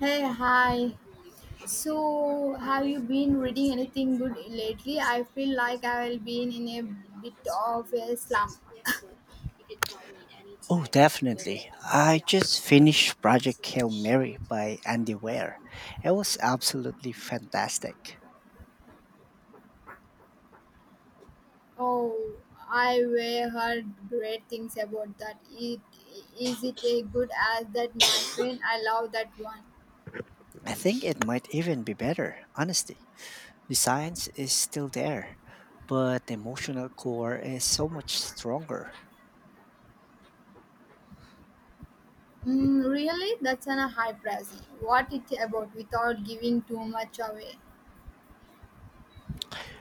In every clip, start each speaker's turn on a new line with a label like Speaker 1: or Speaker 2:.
Speaker 1: Hey, hi. So, have you been reading anything good lately? I feel like I have been in a bit of a slump.
Speaker 2: Oh, definitely. I just finished Project Hail Mary by Andy Weir. It was absolutely fantastic.
Speaker 1: Oh, I were heard great things about that. It is it a good as that Mandarin? I love that one.
Speaker 2: I think it might even be better, honestly. The science is still there, but the emotional core is so much stronger.
Speaker 1: Mm, really? That's an a high price. What it about without giving too much away?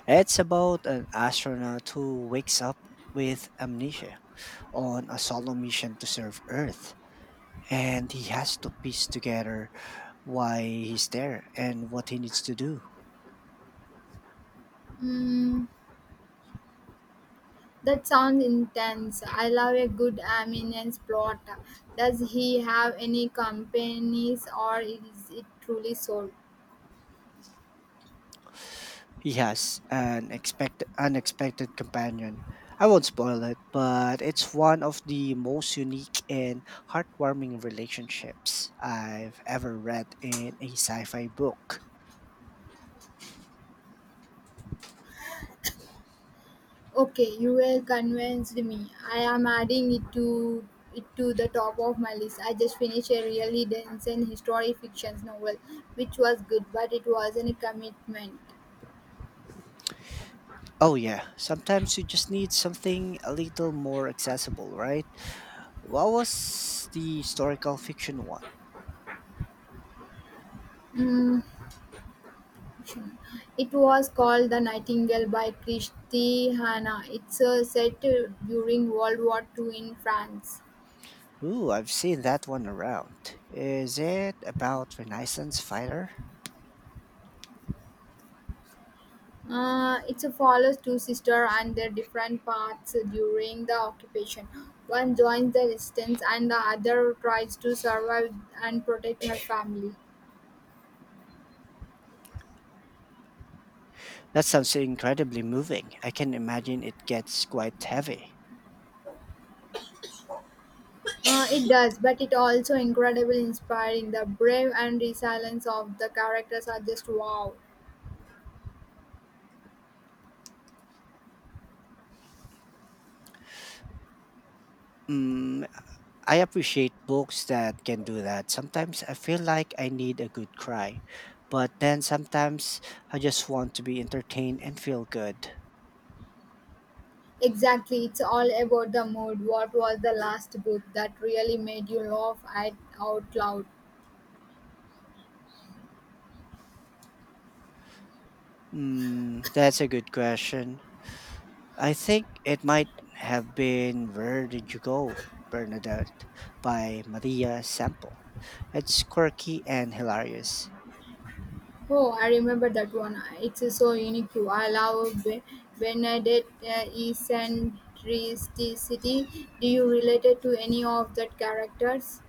Speaker 2: It's about an astronaut who wakes up with amnesia on a solo mission to serve Earth, and he has to piece together why he's there and what he needs to do.
Speaker 1: Hmm. That sounds intense. I love a good ambience plot. Does he have any companies or is it truly sold?
Speaker 2: He has an expect unexpected companion. I won't spoil it, but it's one of the most unique and heartwarming relationships I've ever read in a sci-fi book.
Speaker 1: Okay, you have convinced me. I am adding it to the top of my list. I just finished a really dense and historic fiction novel, which was good, but it wasn't a commitment.
Speaker 2: Oh yeah, sometimes you just need something a little more accessible, right? What was the historical fiction one?
Speaker 1: Mm, it was called The Nightingale by Christy Hanna. It's set during World War Two in France.
Speaker 2: Ooh, I've seen that one around. Is it about Renaissance fighter?
Speaker 1: It follows two sisters and their different paths during the occupation. One joins the resistance, and the other tries to survive and protect her family.
Speaker 2: That sounds incredibly moving. I can imagine it gets quite heavy.
Speaker 1: It does, but it also incredibly inspiring. The brave and resilience of the characters are just wow.
Speaker 2: Mm, I appreciate books that can do that. Sometimes I feel like I need a good cry, but then sometimes I just want to be entertained and feel good.
Speaker 1: Exactly, it's all about the mood. What was the last book that really made you laugh at out loud?
Speaker 2: That's a good question. I think it might have been Where Did You Go, Bernadette by Maria Sample. It's quirky and hilarious.
Speaker 1: Oh, I remember that one. It's so unique. I love Benedict eccentricity. Do you relate it to any of that characters?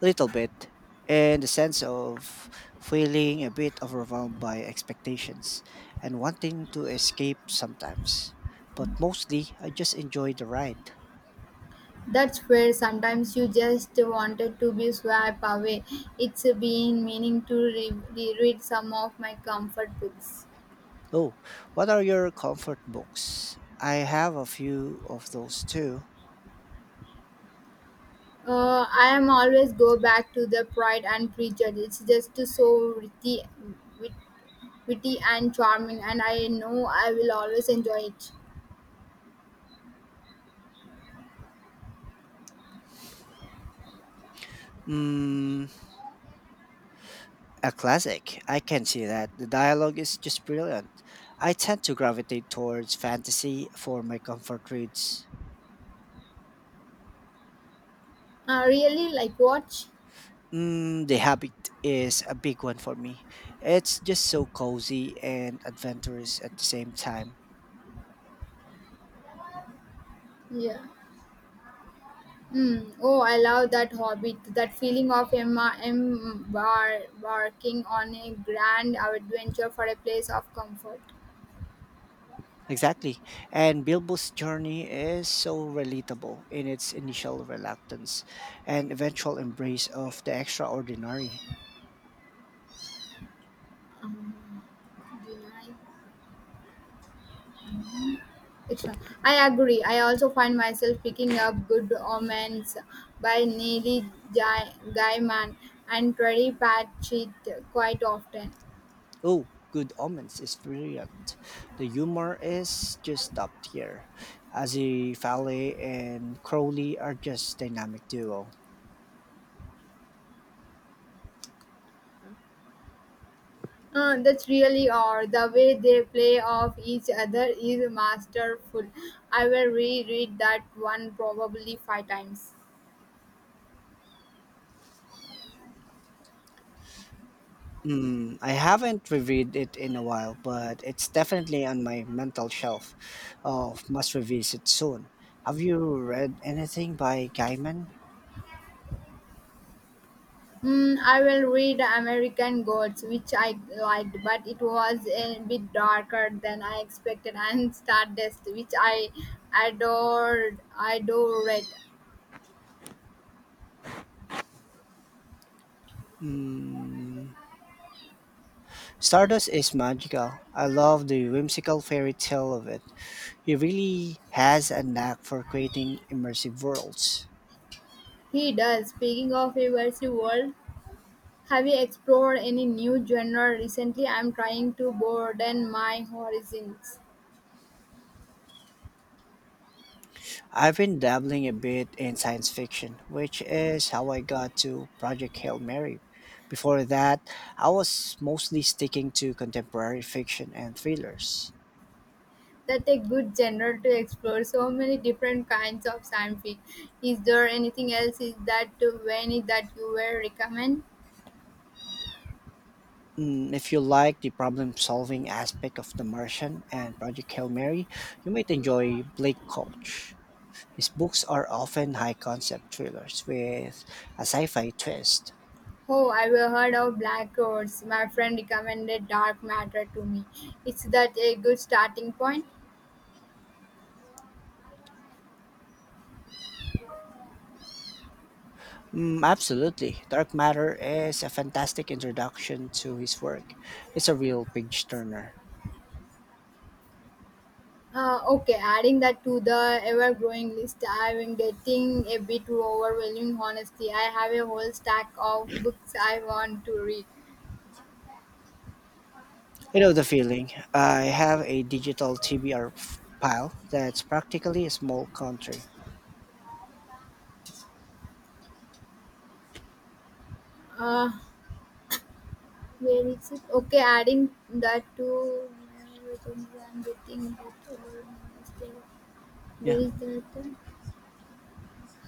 Speaker 2: Little bit, and the sense of feeling a bit overwhelmed by expectations and wanting to escape sometimes. But mostly, I just enjoy the ride.
Speaker 1: That's where sometimes you just wanted to be swept away. It's been meaning to reread some of my comfort books.
Speaker 2: Oh, what are your comfort books? I have a few of those too.
Speaker 1: I am always go back to the Pride and Prejudice. It's just so witty, wit- witty and charming, and I know I will always enjoy it.
Speaker 2: Mm, a classic. I can see that. The dialogue is just brilliant. I tend to gravitate towards fantasy for my comfort reads.
Speaker 1: Really like watch?
Speaker 2: The Habit is a big one for me. It's just so cozy and adventurous at the same time.
Speaker 1: Yeah. Mm. Oh, I love that hobby. That feeling of Emma embarking on a grand adventure for a place of comfort.
Speaker 2: Exactly. And Bilbo's journey is so relatable in its initial reluctance and eventual embrace of the extraordinary.
Speaker 1: Deny- It's not. I agree. I also find myself picking up Good Omens by Neely Gaiman and Terry Pratchett quite often.
Speaker 2: Oh, Good Omens is brilliant. The humor is just top tier. Azzy Fale and Crowley are just dynamic duo.
Speaker 1: That's really odd. The way they play off each other is masterful. I will reread that one probably five times.
Speaker 2: I haven't reviewed it in a while, but it's definitely on my mental shelf. Oh, must revisit soon. Have you read anything by Gaiman?
Speaker 1: Mm, I will read American Gods, which I liked, but it was a bit darker than I expected, and Stardust, which I adored. I adored.
Speaker 2: Stardust is magical. I love the whimsical fairy tale of it. He really has a knack for creating immersive worlds.
Speaker 1: He does. Speaking of immersive world, have you explored any new genre recently? I'm trying to broaden my horizons.
Speaker 2: I've been dabbling a bit in science fiction, which is how I got to Project Hail Mary. Before that, I was mostly sticking to contemporary fiction and thrillers.
Speaker 1: That's a good genre to explore, so many different kinds of science fic. Is there anything else is that when that you will recommend?
Speaker 2: If you like the problem-solving aspect of The Martian and Project Hail Mary, you might enjoy Blake Koch. His books are often high-concept thrillers with a sci-fi twist.
Speaker 1: Oh, I have heard of Black Holes. My friend recommended Dark Matter to me. Is that a good starting point?
Speaker 2: Absolutely. Dark Matter is a fantastic introduction to his work. It's a real page-turner.
Speaker 1: Okay, adding that to the ever-growing list, I've been getting a bit overwhelming. Honestly, I have a whole stack of books I want to read.
Speaker 2: I know the feeling. I have a digital TBR pile that's practically a small country.
Speaker 1: Uh, Where is it? Okay, adding that to I'm getting that
Speaker 2: Yeah.
Speaker 1: will that.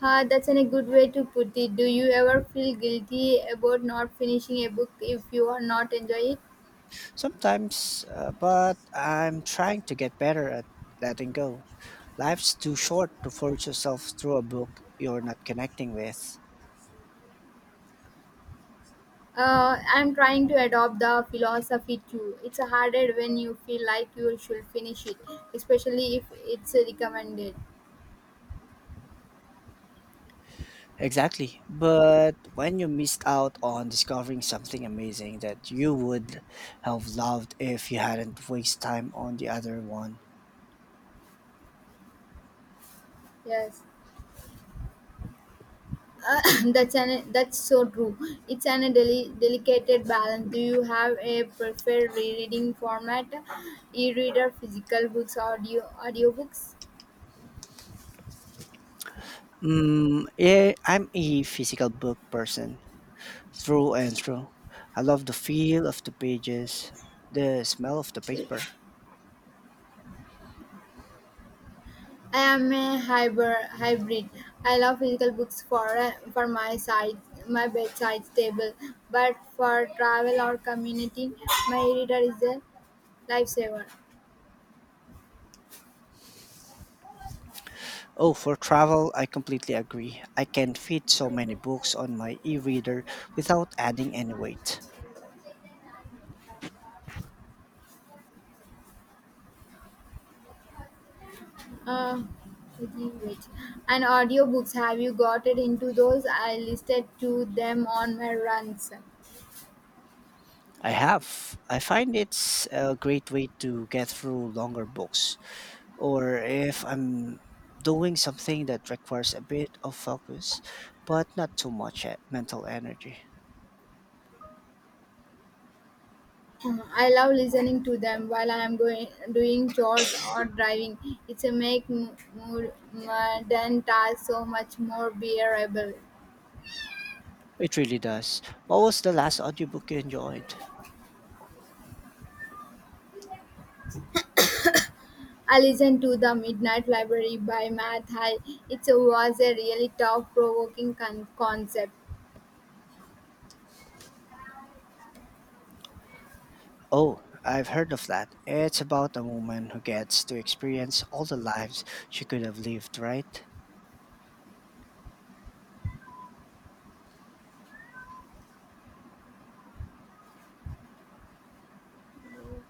Speaker 1: Ha, a good way to put it. Do you ever feel guilty about not finishing a book if you are not enjoying it?
Speaker 2: Sometimes, but I'm trying to get better at letting go. Life's too short to force yourself through a book you're not connecting with.
Speaker 1: I'm trying to adopt the philosophy too. It's harder when you feel like you should finish it, especially if it's recommended.
Speaker 2: Exactly. But when you missed out on discovering something amazing that you would have loved if you hadn't wasted time on the other one.
Speaker 1: Yes. Uh, that's so true. It's an a delicate balance. Do you have a preferred reading format, e-reader, physical books, audiobooks?
Speaker 2: Yeah, I'm a physical book person through and through. I love the feel of the pages, the smell of the paper.
Speaker 1: I am a hybrid. Hybrid. I love physical books for for my bedside table, but for travel or community, my e-reader is a lifesaver.
Speaker 2: Oh, for travel, I completely agree. I can fit so many books on my e-reader without adding any weight.
Speaker 1: Uh, wait. And audiobooks, have you gotten into those? I listed to them on my runs.
Speaker 2: I have. I find it's a great way to get through longer books. Or if I'm doing something that requires a bit of focus, but not too much mental energy.
Speaker 1: I love listening to them while I am going doing chores or driving. It's a make more modern tasks so much more bearable.
Speaker 2: It really does. What was the last audiobook you enjoyed?
Speaker 1: I listened to the Midnight Library by Matt High. It was a really thought provoking concept.
Speaker 2: Oh, I've heard of that. It's about a woman who gets to experience all the lives she could have lived, right?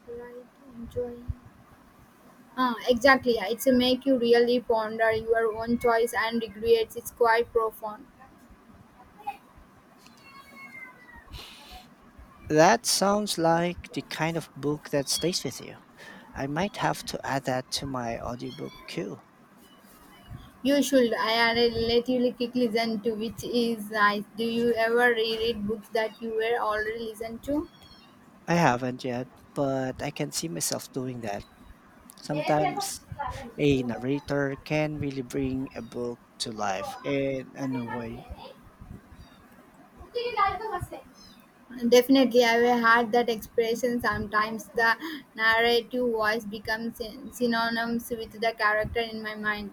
Speaker 1: Right, enjoying. Ah, exactly. Yeah. It's a make you really ponder your own choice and regrets. It's quite profound.
Speaker 2: That sounds like the kind of book that stays with you. I might have to add that to my audiobook queue.
Speaker 1: You should. I had a relatively quick listen to which is nice. Do you ever reread books that you were already listened to?
Speaker 2: I haven't yet, but I can see myself doing that. Sometimes a narrator can really bring a book to life in a new way.
Speaker 1: Definitely, I've had that expression. Sometimes the narrative voice becomes synonymous with the character in my mind.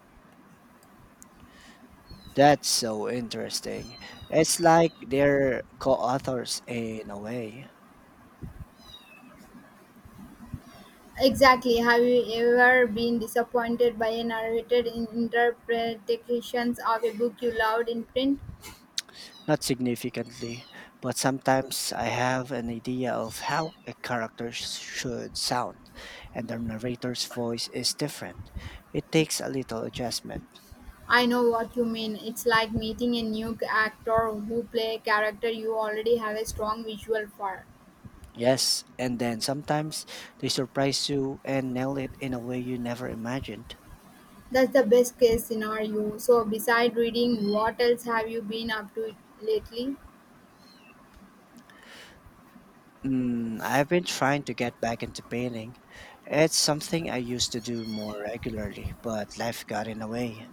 Speaker 2: That's so interesting. It's like they're co authors in a way.
Speaker 1: Exactly. Have you ever been disappointed by a narrated interpretations of a book you loved in print?
Speaker 2: Not significantly, but sometimes I have an idea of how a character should sound, and the narrator's voice is different. It takes a little adjustment.
Speaker 1: I know what you mean. It's like meeting a new actor who play a character you already have a strong visual for.
Speaker 2: Yes, and then sometimes they surprise you and nail it in a way you never imagined.
Speaker 1: That's the best case scenario. So beside reading, what else have you been up to lately?
Speaker 2: I've been trying to get back into painting. It's something I used to do more regularly, but life got in the way.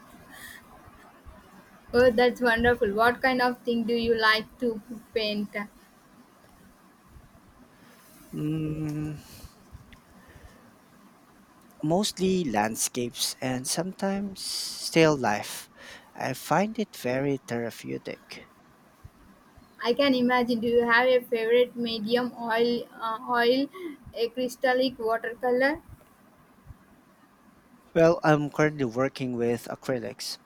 Speaker 1: Oh, that's wonderful. What kind of thing do you like to paint?
Speaker 2: Mm, mostly landscapes and sometimes still life. I find it very therapeutic.
Speaker 1: I can imagine. Do you have a favorite medium oil, a crystallic watercolor?
Speaker 2: Well, I'm currently working with acrylics.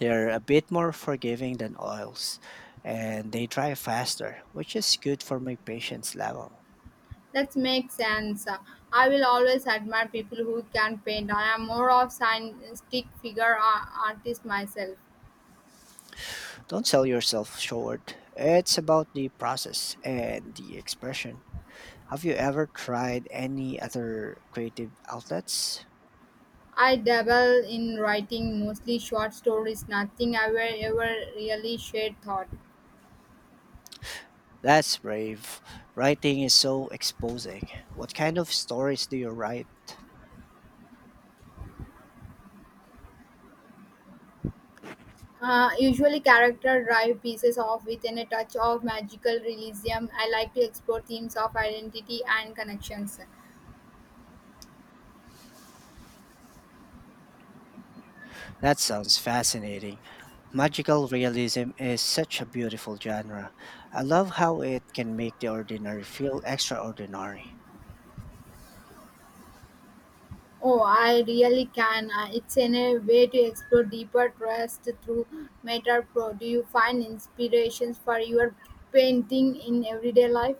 Speaker 2: They're a bit more forgiving than oils and they dry faster, which is good for my patience level.
Speaker 1: That makes sense. I will always admire people who can paint. I am more of stick figure artist myself.
Speaker 2: Don't sell yourself short. It's about the process and the expression. Have you ever tried any other creative outlets?
Speaker 1: I dabble in writing mostly short stories, nothing I will ever really shared thought.
Speaker 2: That's brave. Writing is so exposing. What kind of stories do you write?
Speaker 1: Usually character drive pieces off within a touch of magical realism. I like to explore themes of identity and connections.
Speaker 2: That sounds fascinating. Magical realism is such a beautiful genre. I love how it can make the ordinary feel extraordinary.
Speaker 1: Oh, I really can. It's in a way to explore deeper trust through meta pro. Do you find inspirations for your painting in everyday life?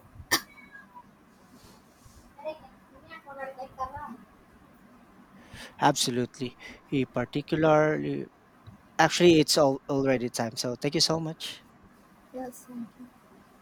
Speaker 2: Absolutely. He particularly, actually, it's all already time. So thank you so much.
Speaker 1: Yes.